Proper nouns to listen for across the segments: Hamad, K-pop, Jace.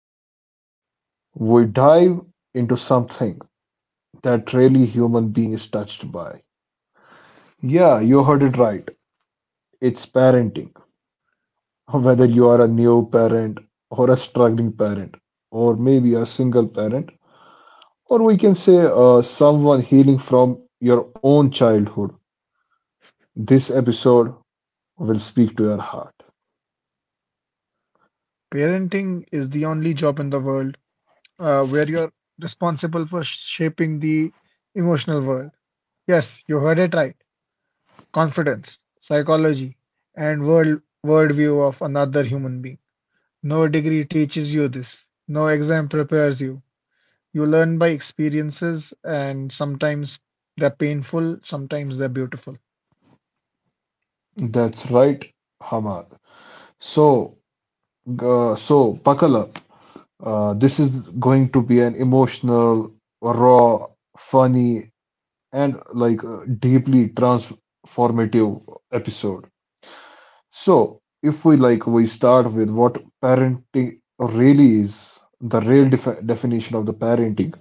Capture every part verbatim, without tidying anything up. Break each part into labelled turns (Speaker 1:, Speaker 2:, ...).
Speaker 1: Today, we dive into something that really human being is touched by. Yeah, you heard it right. It's parenting. Whether you are a new parent or a struggling parent, or maybe a single parent, or we can say uh, someone healing from your own childhood, this episode will speak to your heart.
Speaker 2: Parenting is the only job in the world uh, where you're responsible for shaping the emotional world. Yes, you heard it right. Confidence, psychology, and world worldview of another human being. No degree teaches you this. No exam prepares you. You learn by experiences, and sometimes they're painful, sometimes they're beautiful.
Speaker 1: That's right, Hamad. So, uh, so buckle up. Uh, this is going to be an emotional, raw, funny, and like uh, deeply transformative episode. So, if we like, we start with what parenting really is, the real defi- definition of the parenting.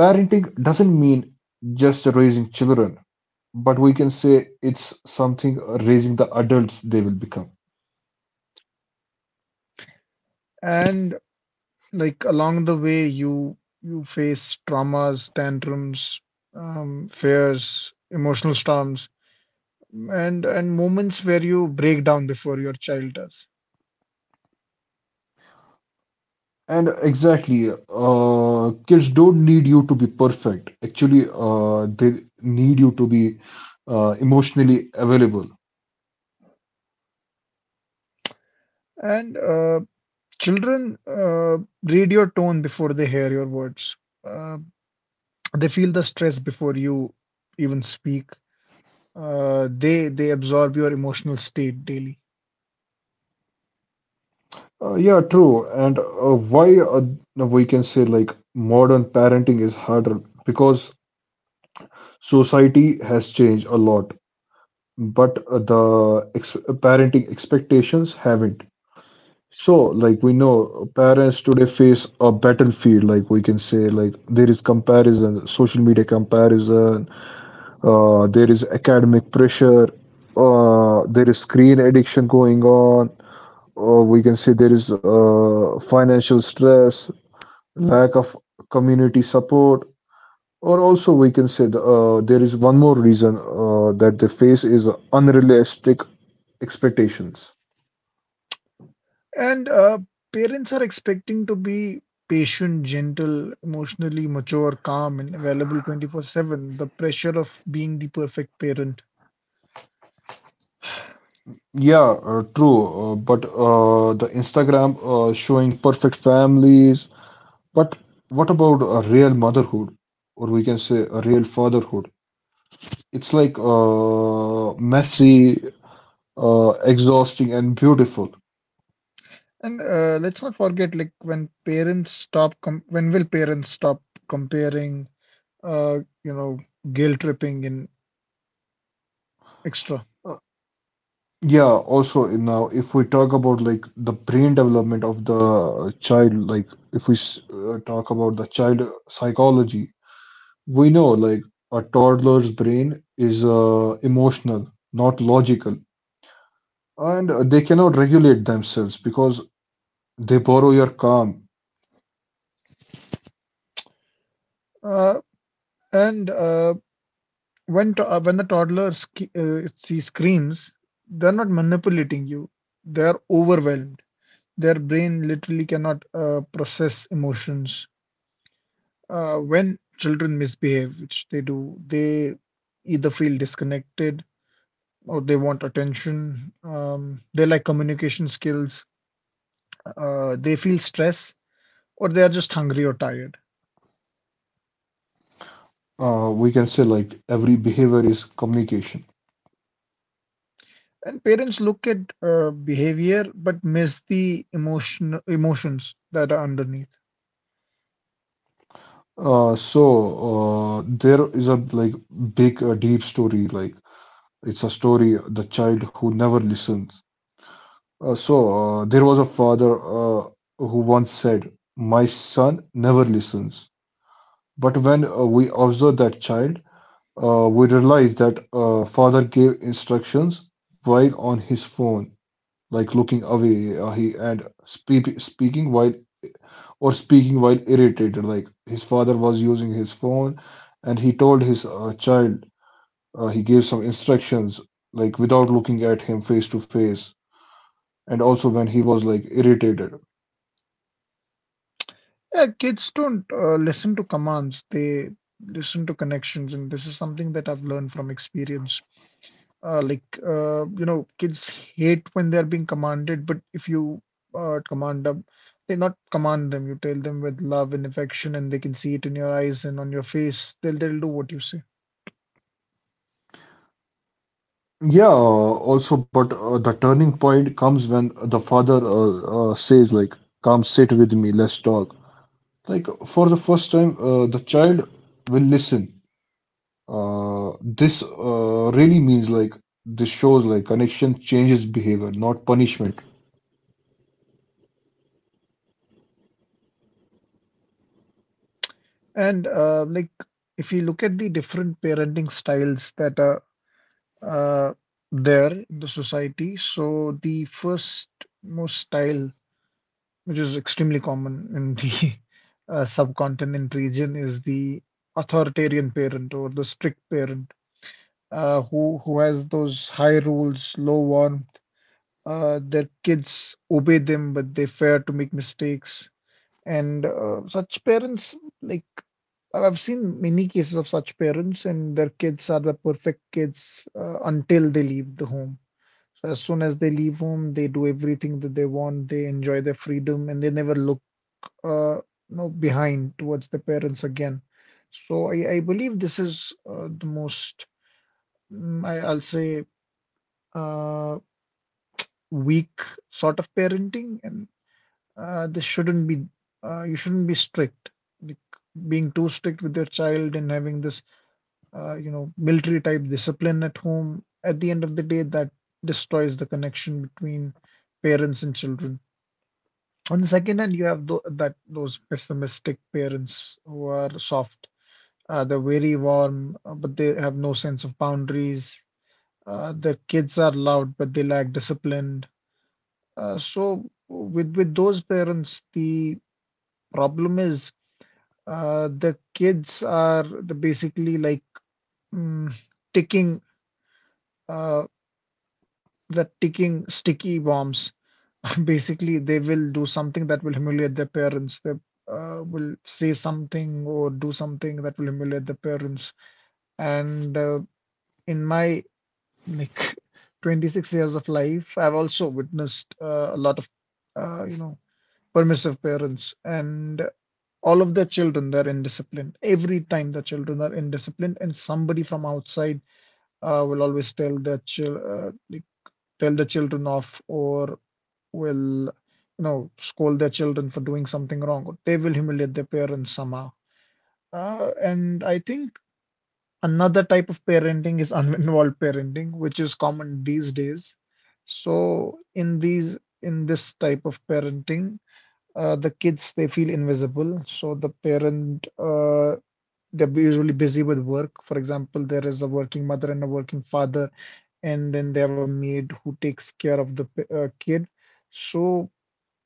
Speaker 1: Parenting doesn't mean just raising children, but we can say it's something uh, raising the adults they will become.
Speaker 2: And Like along the way, you you face traumas, tantrums, um, fears, emotional storms, and and moments where you break down before your child does.
Speaker 1: And exactly, uh, kids don't need you to be perfect. Actually, uh, they need you to be uh, emotionally available.
Speaker 2: And uh, children uh, read your tone before they hear your words. Uh, they feel the stress before you even speak. Uh, they they absorb your emotional state daily.
Speaker 1: Uh, yeah, true. And uh, why uh, we can say like modern parenting is harder because society has changed a lot, but uh, the ex parenting expectations haven't. So, like we know, parents today face a battlefield. Like we can say, like there is comparison, social media comparison, uh, there is academic pressure, uh, there is screen addiction going on, or we can say there is uh, financial stress, lack of community support, or also we can say the, uh, there is one more reason uh, that they face is unrealistic expectations.
Speaker 2: And uh, parents are expecting to be patient, gentle, emotionally mature, calm, and available twenty-four seven. The pressure of being the perfect parent.
Speaker 1: Yeah, uh, true, uh, but uh, the Instagram uh, showing perfect families, but what about a real motherhood, or we can say a real fatherhood? It's like uh, messy, uh, exhausting, and beautiful.
Speaker 2: And uh, let's not forget, like when parents stop, com when will parents stop comparing, uh, you know, guilt tripping and extra.
Speaker 1: Uh, yeah, also in now, if we talk about like the brain development of the child, like if we s- uh, talk about the child psychology, we know like a toddler's brain is uh, emotional, not logical, and uh, they cannot regulate themselves because they borrow your calm.
Speaker 2: Uh, and uh, when to, uh, when the toddler sk uh, see screams, they're not manipulating you. They're overwhelmed. Their brain literally cannot uh, process emotions. Uh, when children misbehave, which they do, they either feel disconnected or they want attention. Um, they lack communication skills. Uh, they feel stress or they are just hungry or tired.
Speaker 1: Uh, we can say like every behavior is communication.
Speaker 2: And parents look at uh, behavior but miss the emotion emotions that are underneath.
Speaker 1: Uh, so uh, there is a like big uh, deep story, like it's a story the child who never listens. Uh, so uh, there was a father uh, who once said, "My son never listens." But when uh, we observe that child, uh, we realize that uh, father gave instructions while on his phone, like looking away, uh, he and spe- speaking while or speaking while irritated. Like his father was using his phone, and he told his uh, child, uh, he gave some instructions, like without looking at him face to face, and also when he was like irritated.
Speaker 2: Yeah, kids don't uh, listen to commands. They listen to connections, and this is something that I've learned from experience. Uh, like uh, you know, kids hate when they're being commanded, but if you uh, command them, they not command them, you tell them with love and affection, and they can see it in your eyes and on your face. They'll they'll do what you say.
Speaker 1: Yeah, uh, also, but uh, the turning point comes when the father uh, uh, says, like, come sit with me, let's talk. Like, for the first time, uh, the child will listen. Uh, this uh, really means, like, this shows, like, connection changes behavior, not punishment.
Speaker 2: And uh, like if you look at the different parenting styles that are uh, there in the society, so the first most style, which is extremely common in the uh, subcontinent region, is the authoritarian parent or the strict parent uh, who who has those high rules, low warmth. Uh, their kids obey them, but they fear to make mistakes. And uh, such parents, like I've seen many cases of such parents, and their kids are the perfect kids uh, until they leave the home. So as soon as they leave home, they do everything that they want. They enjoy their freedom, and they never look uh, you know, behind towards the parents again. So I, I believe this is uh, the most, mm, I, I'll say, uh, weak sort of parenting, and uh, this shouldn't be uh, you shouldn't be strict. Like being too strict with your child and having this uh, you know military type discipline at home. At the end of the day, that destroys the connection between parents and children. On the second hand, you have tho that those pessimistic parents who are soft. Uh, they're very warm, uh, but they have no sense of boundaries. Uh, their kids are loud, but they lack discipline. Uh, so with with those parents, the problem is uh, the kids are the basically like mm, ticking uh, the ticking sticky bombs. Basically, they will do something that will humiliate their parents. They uh, will say something or do something that will humiliate the parents. And uh, in my like twenty-six years of life, I've also witnessed uh, a lot of uh, you know permissive parents, and all of their children they're indisciplined every time the children are indisciplined, and somebody from outside uh, will always tell the chil- uh, like, tell the children off or will, you know, scold their children for doing something wrong, or they will humiliate their parents somehow. Uh, and I think another type of parenting is uninvolved parenting, which is common these days. so in these in this type of parenting, uh, the kids they feel invisible, so the parent, uh, they're usually busy with work. For example, there is a working mother and a working father, and then they have a maid who takes care of the uh, kid. So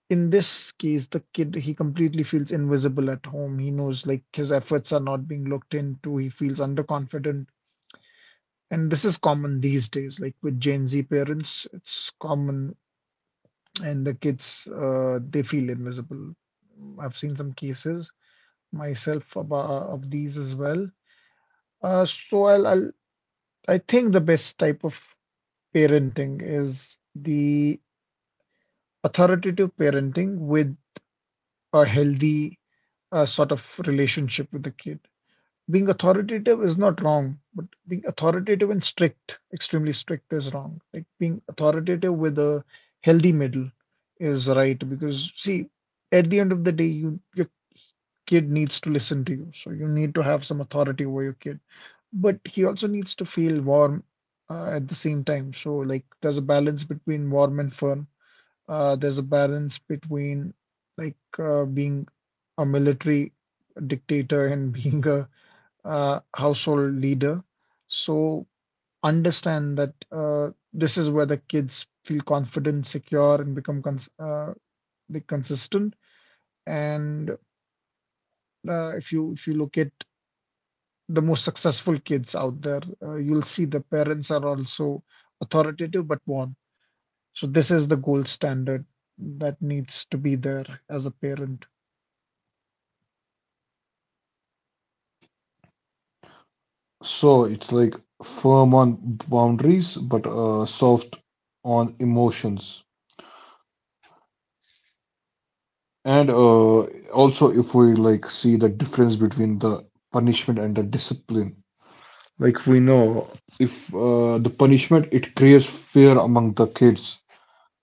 Speaker 2: in this case, the kid he completely feels invisible at home. He knows like his efforts are not being looked into. He feels underconfident, and this is common these days. Like with Gen Z parents, it's common, and the kids uh, they feel invisible. I've seen some cases myself about, of these as well. Uh, so I'll, I'll I think the best type of parenting is the authoritative parenting with a healthy uh, sort of relationship with the kid. Being authoritative is not wrong, but being authoritative and strict, extremely strict, is wrong. Like being authoritative with a healthy middle is right because, see, at the end of the day, you your kid needs to listen to you, so you need to have some authority over your kid. But he also needs to feel warm uh, at the same time. So like there's a balance between warm and fun. Uh, there's a balance between like uh, being a military dictator and being a uh, household leader. So understand that uh, this is where the kids feel confident, secure, and become cons uh, like consistent. And uh, if you if you look at the most successful kids out there. Uh, you'll see the parents are also authoritative but warm. So this is the gold standard that needs to be there as a parent.
Speaker 1: So it's like firm on boundaries, but uh, soft on emotions. And uh, also, if we like see the difference between the punishment and the discipline, like we know if uh, the punishment it creates fear among the kids,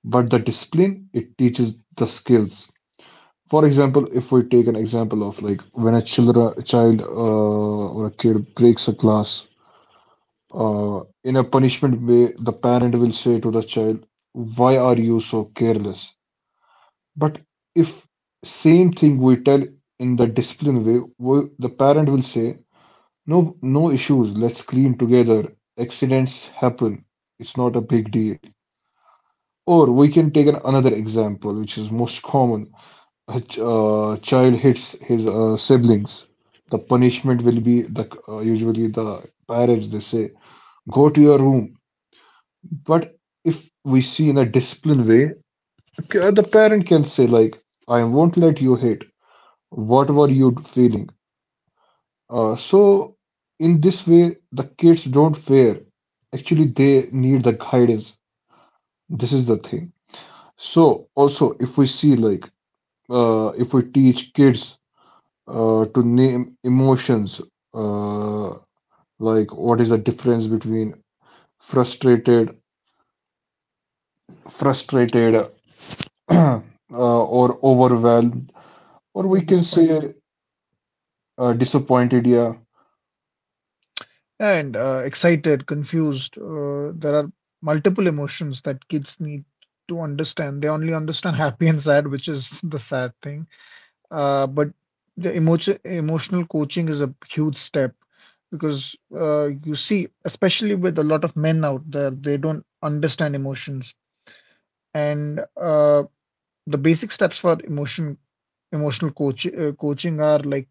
Speaker 1: but the discipline it teaches the skills. For example, if we take an example of like when a children, a child uh, or a kid breaks a glass, Uh, in a punishment way, the parent will say to the child, "Why are you so careless?" But if same thing we tell in the discipline way, we, the parent will say, "No, no issues, let's clean together. Accidents happen, it's not a big deal." Or we can take an, another example, which is most common. A ch- uh, child hits his uh, siblings. The punishment will be the uh, usually the parents they say, "Go to your room." But if we see in a disciplined way, c- the parent can say like, "I won't let you hate whatever you feeling." Uh, so in this way, the kids don't fear. Actually, they need the guidance. This is the thing. So also, if we see like, uh, if we teach kids uh, to name emotions, uh, like what is the difference between frustrated, frustrated, uh, or overwhelmed, or we
Speaker 2: Not
Speaker 1: can
Speaker 2: disappointed,
Speaker 1: say uh, disappointed. Yeah,
Speaker 2: and uh, excited, confused. Uh, there are multiple emotions that kids need to understand. They only understand happy and sad, which is the sad thing. Uh, but the emotion emotional coaching is a huge step because uh, you see, especially with a lot of men out there, they don't understand emotions. And uh, the basic steps for emotion emotional coach uh, coaching are like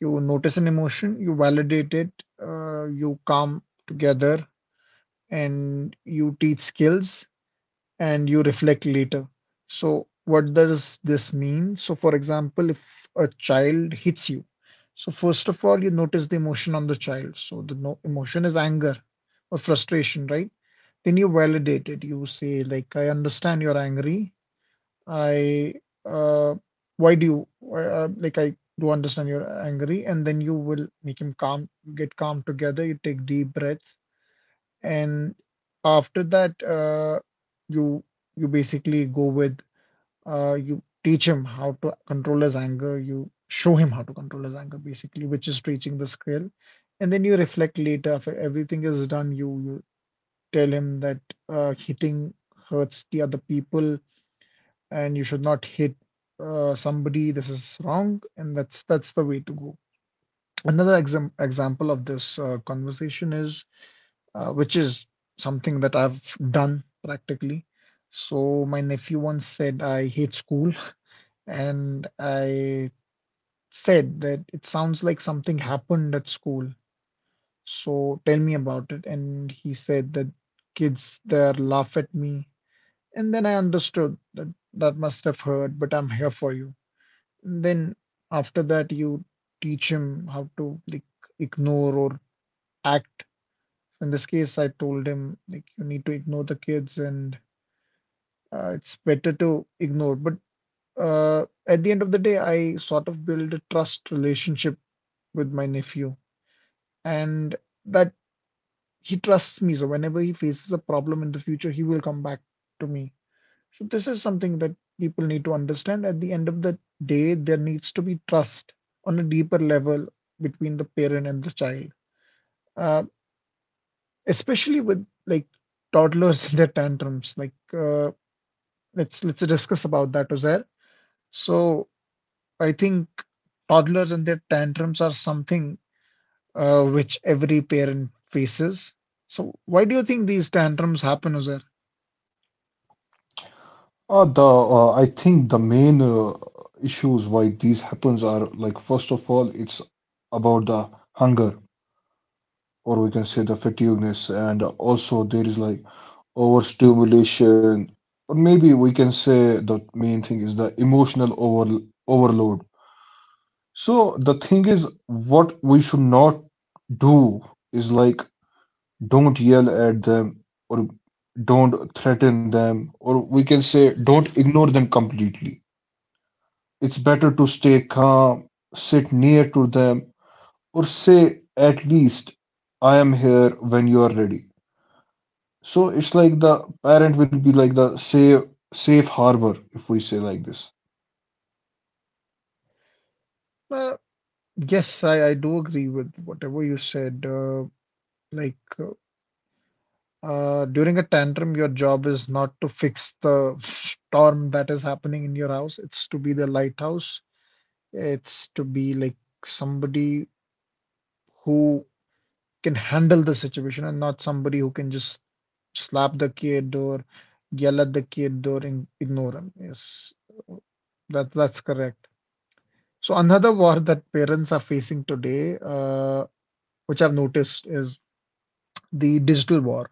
Speaker 2: you notice an emotion, you validate it, uh, you calm together, and you teach skills and you reflect later. So, what does this mean? So, for example, if a child hits you, so first of all, you notice the emotion on the child. So, the no emotion is anger or frustration, right? Then you validate it. You say, like, I understand you're angry. I, uh, why do you, uh, like, I do understand you're angry. And then you will make him calm, get calm together. You take deep breaths, and after that, uh, you you basically go with uh, you teach him how to control his anger. You show him how to control his anger, basically, which is teaching the skill. And then you reflect later after everything is done. You you tell him that uh, hitting hurts the other people, and you should not hit uh, somebody. This is wrong, and that's that's the way to go. Another exam example of this uh, conversation is uh, which is something that I've done practically. So my nephew once said I hate school, and I said that it sounds like something happened at school. So tell me about it. And he said that kids there laugh at me. And then I understood that that must have hurt, but I'm here for you. And then after that, you teach him how to like ignore or act. In this case, I told him like you need to ignore the kids, and Uh, it's better to ignore. But uh, at the end of the day, I sort of build a trust relationship with my nephew, and that he trusts me. So whenever he faces a problem in the future, he will come back to me. So this is something that people need to understand. At the end of the day, there needs to be trust on a deeper level between the parent and the child, uh, especially with like toddlers and their tantrums. Like uh, let's let's discuss about that, Uzair. So I think toddlers and their tantrums are something uh, which every parent faces. So, why do you think these tantrums happen, Uzair?
Speaker 1: uh, the uh, I think the main uh, issues why these happens are, like, first of all, it's about the hunger, or we can say the fatigueness, and also there is like overstimulation, or maybe we can say the main thing is the emotional over overload. So the thing is what we should not do is like don't yell at them, or don't threaten them, or we can say don't ignore them completely. It's better to stay calm, sit near to them, or say at least, "I am here when you are ready." So it's like the parent will be like the safe safe harbor, if we say like this.
Speaker 2: Uh, yes, I, I do agree with whatever you said. Uh, like, uh, uh, during a tantrum, your job is not to fix the storm that is happening in your house, it's to be the lighthouse, it's to be like somebody who can handle the situation and not somebody who can just slap the kid or yell at the kid or in, ignore him. Yes, that that's correct. So another war that parents are facing today, uh, which I've noticed, is the digital war.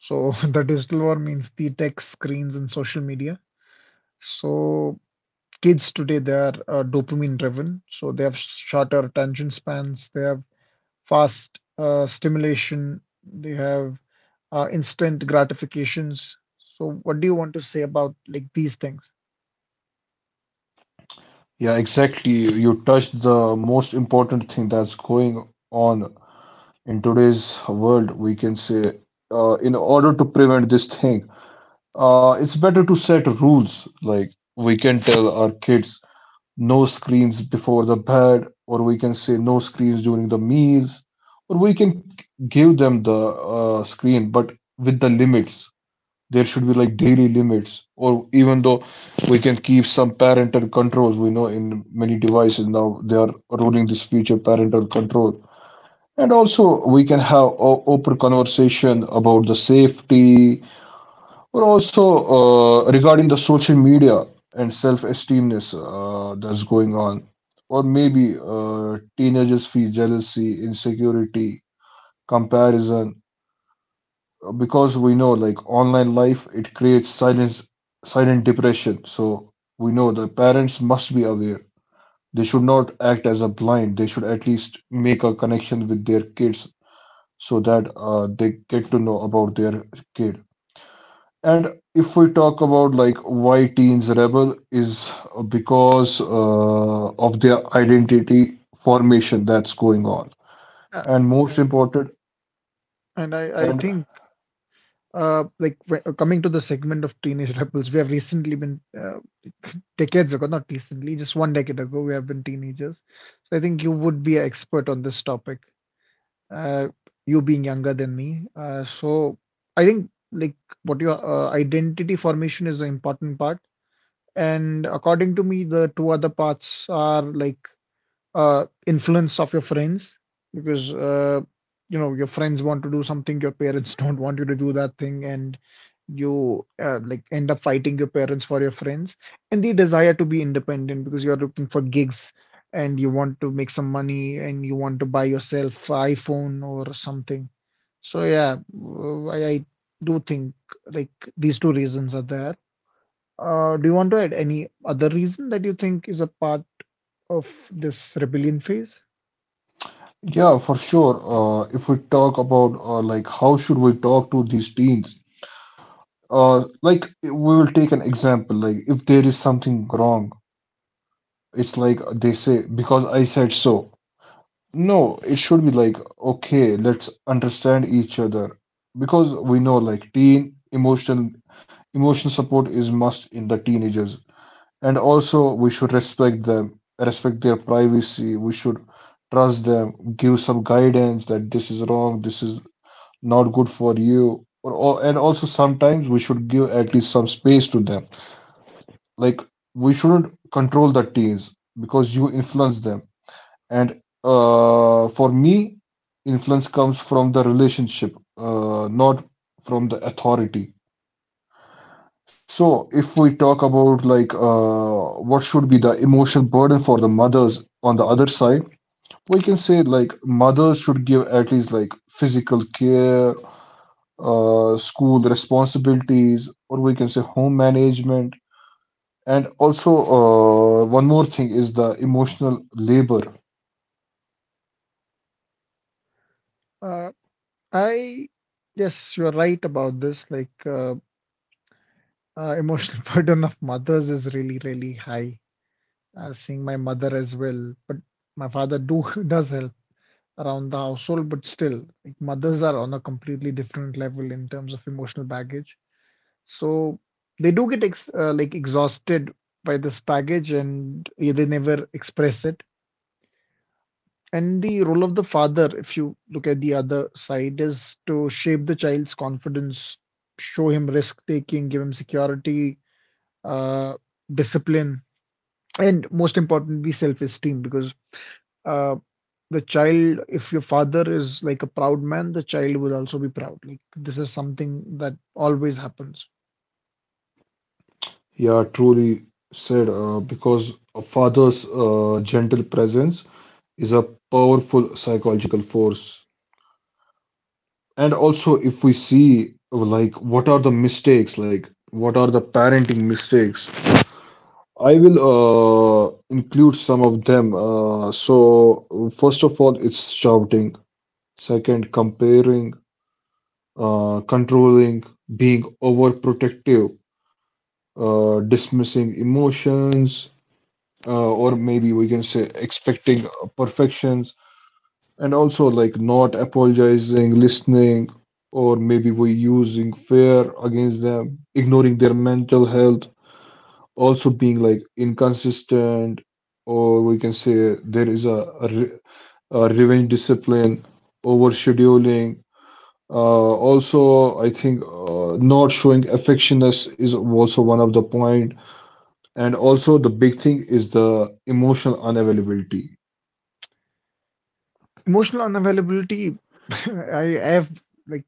Speaker 2: So the digital war means the tech screens and social media. So kids today they are uh, dopamine driven. So they have shorter attention spans. They have fast uh, stimulation. They have uh, instant gratifications. So, what do you want to say about like these things?
Speaker 1: Yeah, exactly, you touched the most important thing that's going on in today's world. We can say uh, in order to prevent this thing. Uh, it's better to set rules. Like we can tell our kids no screens before the bed, or we can say no screens during the meals, or we can give them the uh, screen, but with the limits. There should be like daily limits, or even though we can keep some parental controls. We know in many devices now they are rolling this feature parental control. And also, we can have o- open conversation about the safety, but also uh, regarding the social media and self-esteemness uh, that's going on, or maybe uh, teenagers feel jealousy, insecurity, comparison, uh, because we know like online life it creates silence, silent depression. So we know the parents must be aware. They should not act as a blind. They should at least make a connection with their kids so that uh, they get to know about their kid. And if we talk about like why teens rebel is uh, because uh, of their identity formation that's going on.
Speaker 2: Uh,
Speaker 1: And most
Speaker 2: and
Speaker 1: important.
Speaker 2: and I, I
Speaker 1: And
Speaker 2: think uh, like wh- coming to the segment of teenage rebels, we have recently been uh, decades ago, not recently, just one decade ago, we have been teenagers. So I think you would be an expert on this topic. Uh, you being younger than me, uh, so I think like what your uh, identity formation is the important part. And according to me, the two other parts are like uh, influence of your friends because uh, you know your friends want to do something your parents don't want you to do that thing, and you uh, like end up fighting your parents for your friends, and the desire to be independent because you're looking for gigs and you want to make some money and you want to buy yourself a iPhone or something. So yeah, w- I, I do think like these two reasons are there. Uh, do you want to add any other reason that you think is a part of this rebellion phase?
Speaker 1: yeah, for sure, uh, if we talk about uh, like how should we talk to these teens? Uh, like we will take an example. Like if there is something wrong, it's like they say because I said so. No, it should be like, okay, let's understand each other, because we know like teen emotional emotional support is must in the teenagers. And also we should respect them, respect their privacy. We should trust them, give some guidance that this is wrong, this is not good for you. Or, or and also sometimes we should give at least some space to them. Like we shouldn't control the teens because you influence them, and uh, for me, influence comes from the relationship, uh, not from the authority. So, if we talk about like uh, what should be the emotional burden for the mothers on the other side, we can say like mothers should give at least like physical care, uh, school responsibilities, or we can say home management. And also, uh, one more thing is the emotional labor.
Speaker 2: Uh, I Yes, you're right about this. Like uh, uh, emotional burden of mothers is really, really high. Uh, seeing my mother as well, but my father do does help around the household, but still, like mothers are on a completely different level in terms of emotional baggage. So they do get ex uh, like exhausted by this baggage, and yeah, they never express it. And the role of the father, if you look at the other side, is to shape the child's confidence, show him risk taking, give him security, uh, discipline, and most importantly, self esteem. Because uh, the child, if your father is like a proud man, the child will also be proud. Like this is something that always happens.
Speaker 1: Yeah, truly said, uh, because a father's uh, gentle presence is a powerful psychological force. And also, if we see, uh, like, what are the mistakes, like, what are the parenting mistakes? I will uh, include some of them. Uh, so, first of all, it's shouting. Second, comparing, uh, controlling, being overprotective, uh, dismissing emotions, uh, or maybe we can say expecting perfections, and also like not apologizing, listening, or maybe we using fear against them, ignoring their mental health, also being like inconsistent, or we can say there is a, a, re- a revenge discipline, over scheduling, uh, also I think uh, not showing affectionness is also one of the point, and also the big thing is the emotional unavailability.
Speaker 2: Emotional unavailability, I, I have like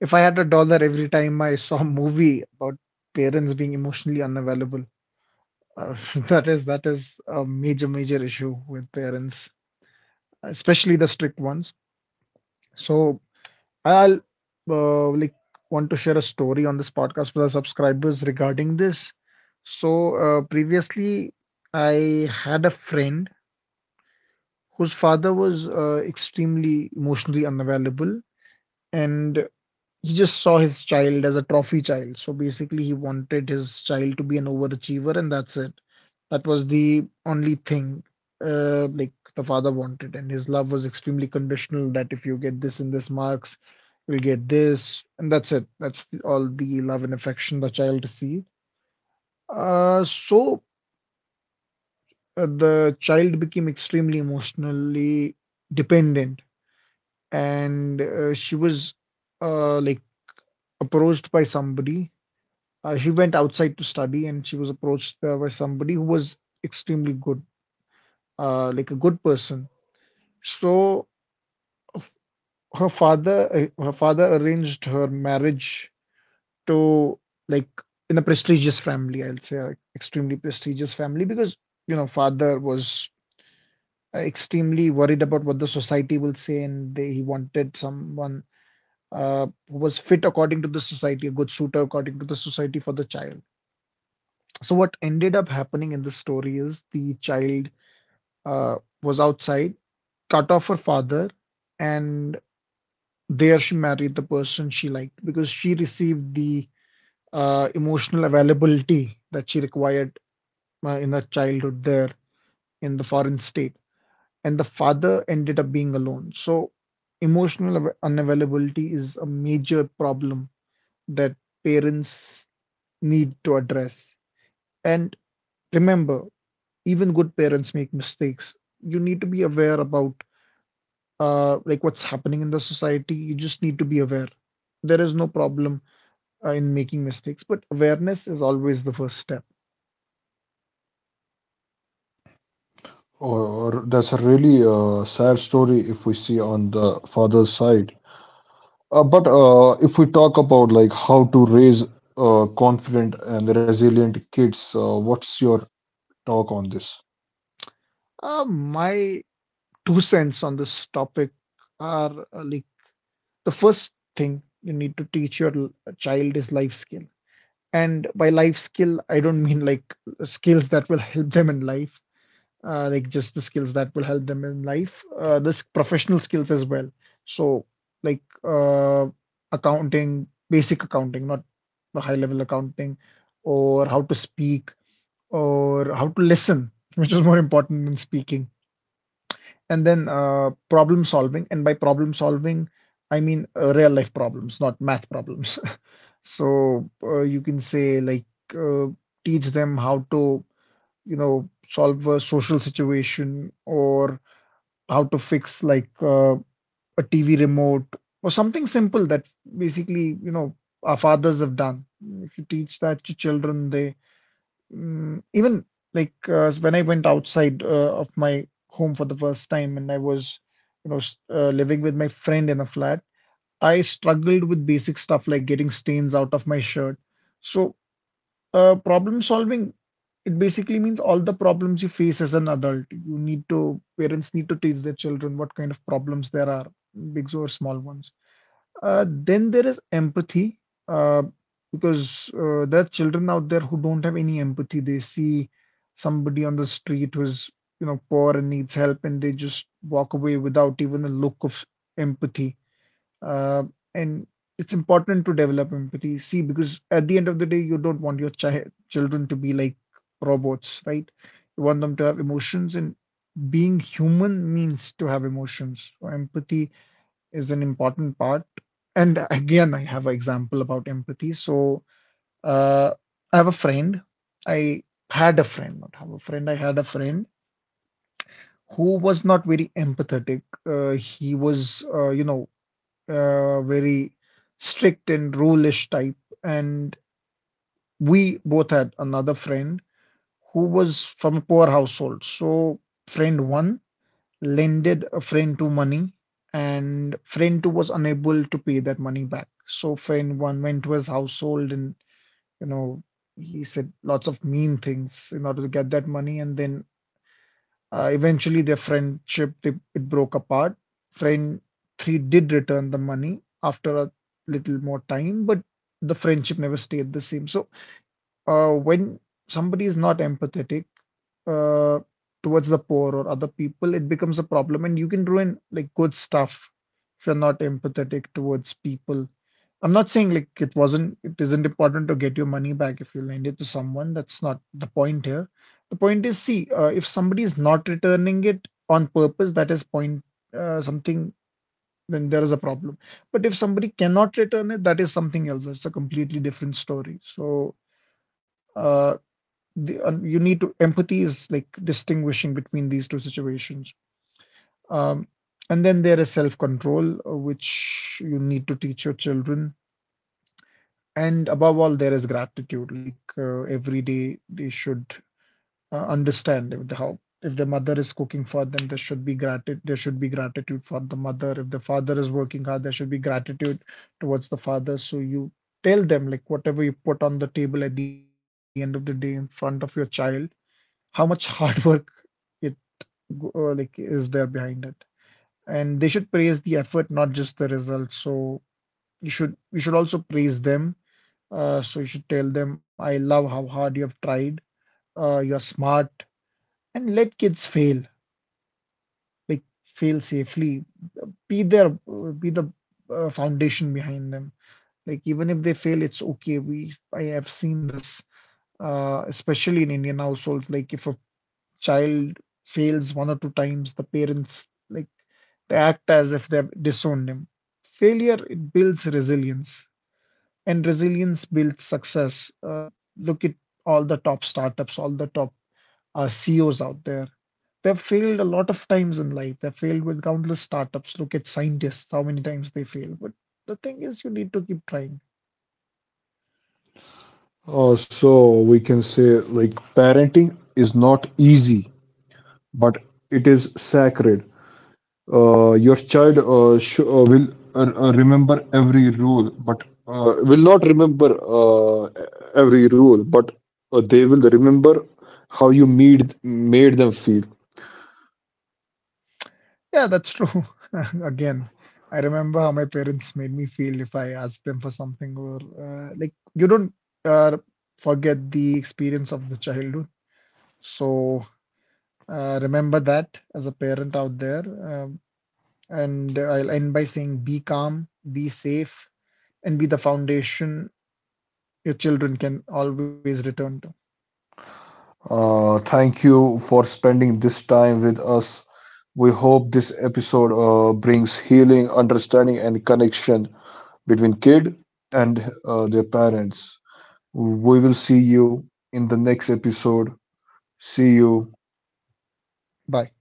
Speaker 2: if I had a dollar every time I saw a movie about parents being emotionally unavailable, Uh, that is that is a major major issue with parents, especially the strict ones. So I'll uh, like want to share a story on this podcast with our subscribers regarding this. So uh, previously, I had a friend whose father was uh, extremely emotionally unavailable, and he just saw his child as a trophy child. So basically, he wanted his child to be an overachiever, and that's it. That was the only thing uh, like the father wanted, and his love was extremely conditional. That if you get this and this marks, you'll get this, and that's it. That's the, all the love and affection the child received. Uh, so uh, the child became extremely emotionally dependent, and uh, she was uh, like approached by somebody. Uh, she went outside to study and she was approached uh, by somebody who was extremely good, uh, like a good person. So her father, uh, her father arranged her marriage to like in a prestigious family, I'll say, a extremely prestigious family because you know father was extremely worried about what the society will say, and they, he wanted someone uh, who was fit according to the society, a good suitor according to the society for the child. So what ended up happening in the story is the child uh, was outside, cut off her father, and there she married the person she liked because she received the uh, emotional availability that she required uh, in her childhood there in the foreign state. And the father ended up being alone. So, emotional av- unavailability is a major problem that parents need to address. And remember, even good parents make mistakes. You need to be aware about uh, like what's happening in the society. You just need to be aware. There is no problem uh, in making mistakes, but awareness is always the first step.
Speaker 1: Oh, that's a really uh, sad story if we see on the father's side. Uh, but uh, if we talk about like how to raise uh, confident and resilient kids, uh, what's your talk on this?
Speaker 2: Uh, my two cents on this topic are uh, like the first thing you need to teach your l- child is life skill. And by life skill, I don't mean like skills that will help them in life. Uh, like just the skills that will help them in life, uh, this professional skills as well. So like uh, accounting, basic accounting, not the high level accounting, or how to speak, or how to listen, which is more important than speaking. And then uh, problem solving, and by problem solving, I mean uh, real life problems, not math problems. So uh, you can say like uh, teach them how to, you know, solve a social situation or how to fix like uh, a T V remote or something simple that basically, you know, our fathers have done. If you teach that to children, they mm, even like uh, when I went outside uh, of my home for the first time and I was, you know, s- uh, living with my friend in a flat, I struggled with basic stuff like getting stains out of my shirt. So uh, problem solving, it basically means all the problems you face as an adult. You need to, parents need to teach their children what kind of problems there are, big or small ones. Uh, then there is empathy, uh, because uh, there are children out there who don't have any empathy. They see somebody on the street who is, you know, poor and needs help, and they just walk away without even a look of empathy. Uh, and it's important to develop empathy, see, because at the end of the day, you don't want your chi children to be like robots, right? You want them to have emotions, and being human means to have emotions. So empathy is an important part. And again, I have an example about empathy. So uh, I have a friend. I had a friend, not have a friend. I had a friend who was not very empathetic. Uh, he was, uh, you know, uh, very strict and rulish type. And we both had another friend who was from a poor household. So friend one lended a friend two money, and friend two was unable to pay that money back. So friend one went to his household and you know he said lots of mean things in order to get that money, and then uh, eventually, their friendship they, it broke apart. Friend three did return the money after a little more time, but the friendship never stayed the same. So, uh, when somebody is not empathetic uh, towards the poor or other people, it becomes a problem, and you can ruin like good stuff if you're not empathetic towards people. I'm not saying like it wasn't, it isn't important to get your money back if you lend it to someone. That's not the point here. The point is, see, uh, if somebody is not returning it on purpose, that is point uh, something, then there is a problem. But if somebody cannot return it, that is something else. It's a completely different story. So uh, the, uh, you need to, empathy is like distinguishing between these two situations. Um, and then there is self-control, uh, which you need to teach your children. And above all, there is gratitude. Like uh, every day, they should uh, understand if the how if the mother is cooking for them, there should be gratitude. There should be gratitude for the mother. If the father is working hard, there should be gratitude towards the father. So you tell them like whatever you put on the table at the end of the day in front of your child, how much hard work it go- uh, like is there behind it, and they should praise the effort, not just the result. So you should you should also praise them, uh, so you should tell them, I love how hard you have tried. Uh, you are smart, and let kids fail, like fail safely. Be there, uh, be the uh, foundation behind them. Like even if they fail, it's okay. We I have seen this, uh, especially in Indian households. Like if a child fails one or two times, the parents like they act as if they've disowned him. Failure, it builds resilience, and resilience builds success. Uh, look at all the top startups, all the top uh, C E Os out there. They've failed a lot of times in life. They've failed with countless startups. Look at scientists, how many times they fail. But the thing is, you need to keep trying.
Speaker 1: Uh, so we can say like parenting is not easy, but it is sacred. Uh, your child uh, sh- uh, will uh, uh, remember every rule, but uh, will not remember uh, every rule, but uh, they will remember how you made made them feel.
Speaker 2: Yeah, that's true. Again, I remember how my parents made me feel if I asked them for something, or uh, like you don't uh, forget the experience of the childhood. So uh, remember that as a parent out there. Uh, And I'll end by saying be calm, be safe, and be the foundation your children can always return to.
Speaker 1: Uh, thank you for spending this time with us. We hope this episode uh, brings healing, understanding, and connection between kid and uh, their parents. We will see you in the next episode. See you.
Speaker 2: Bye.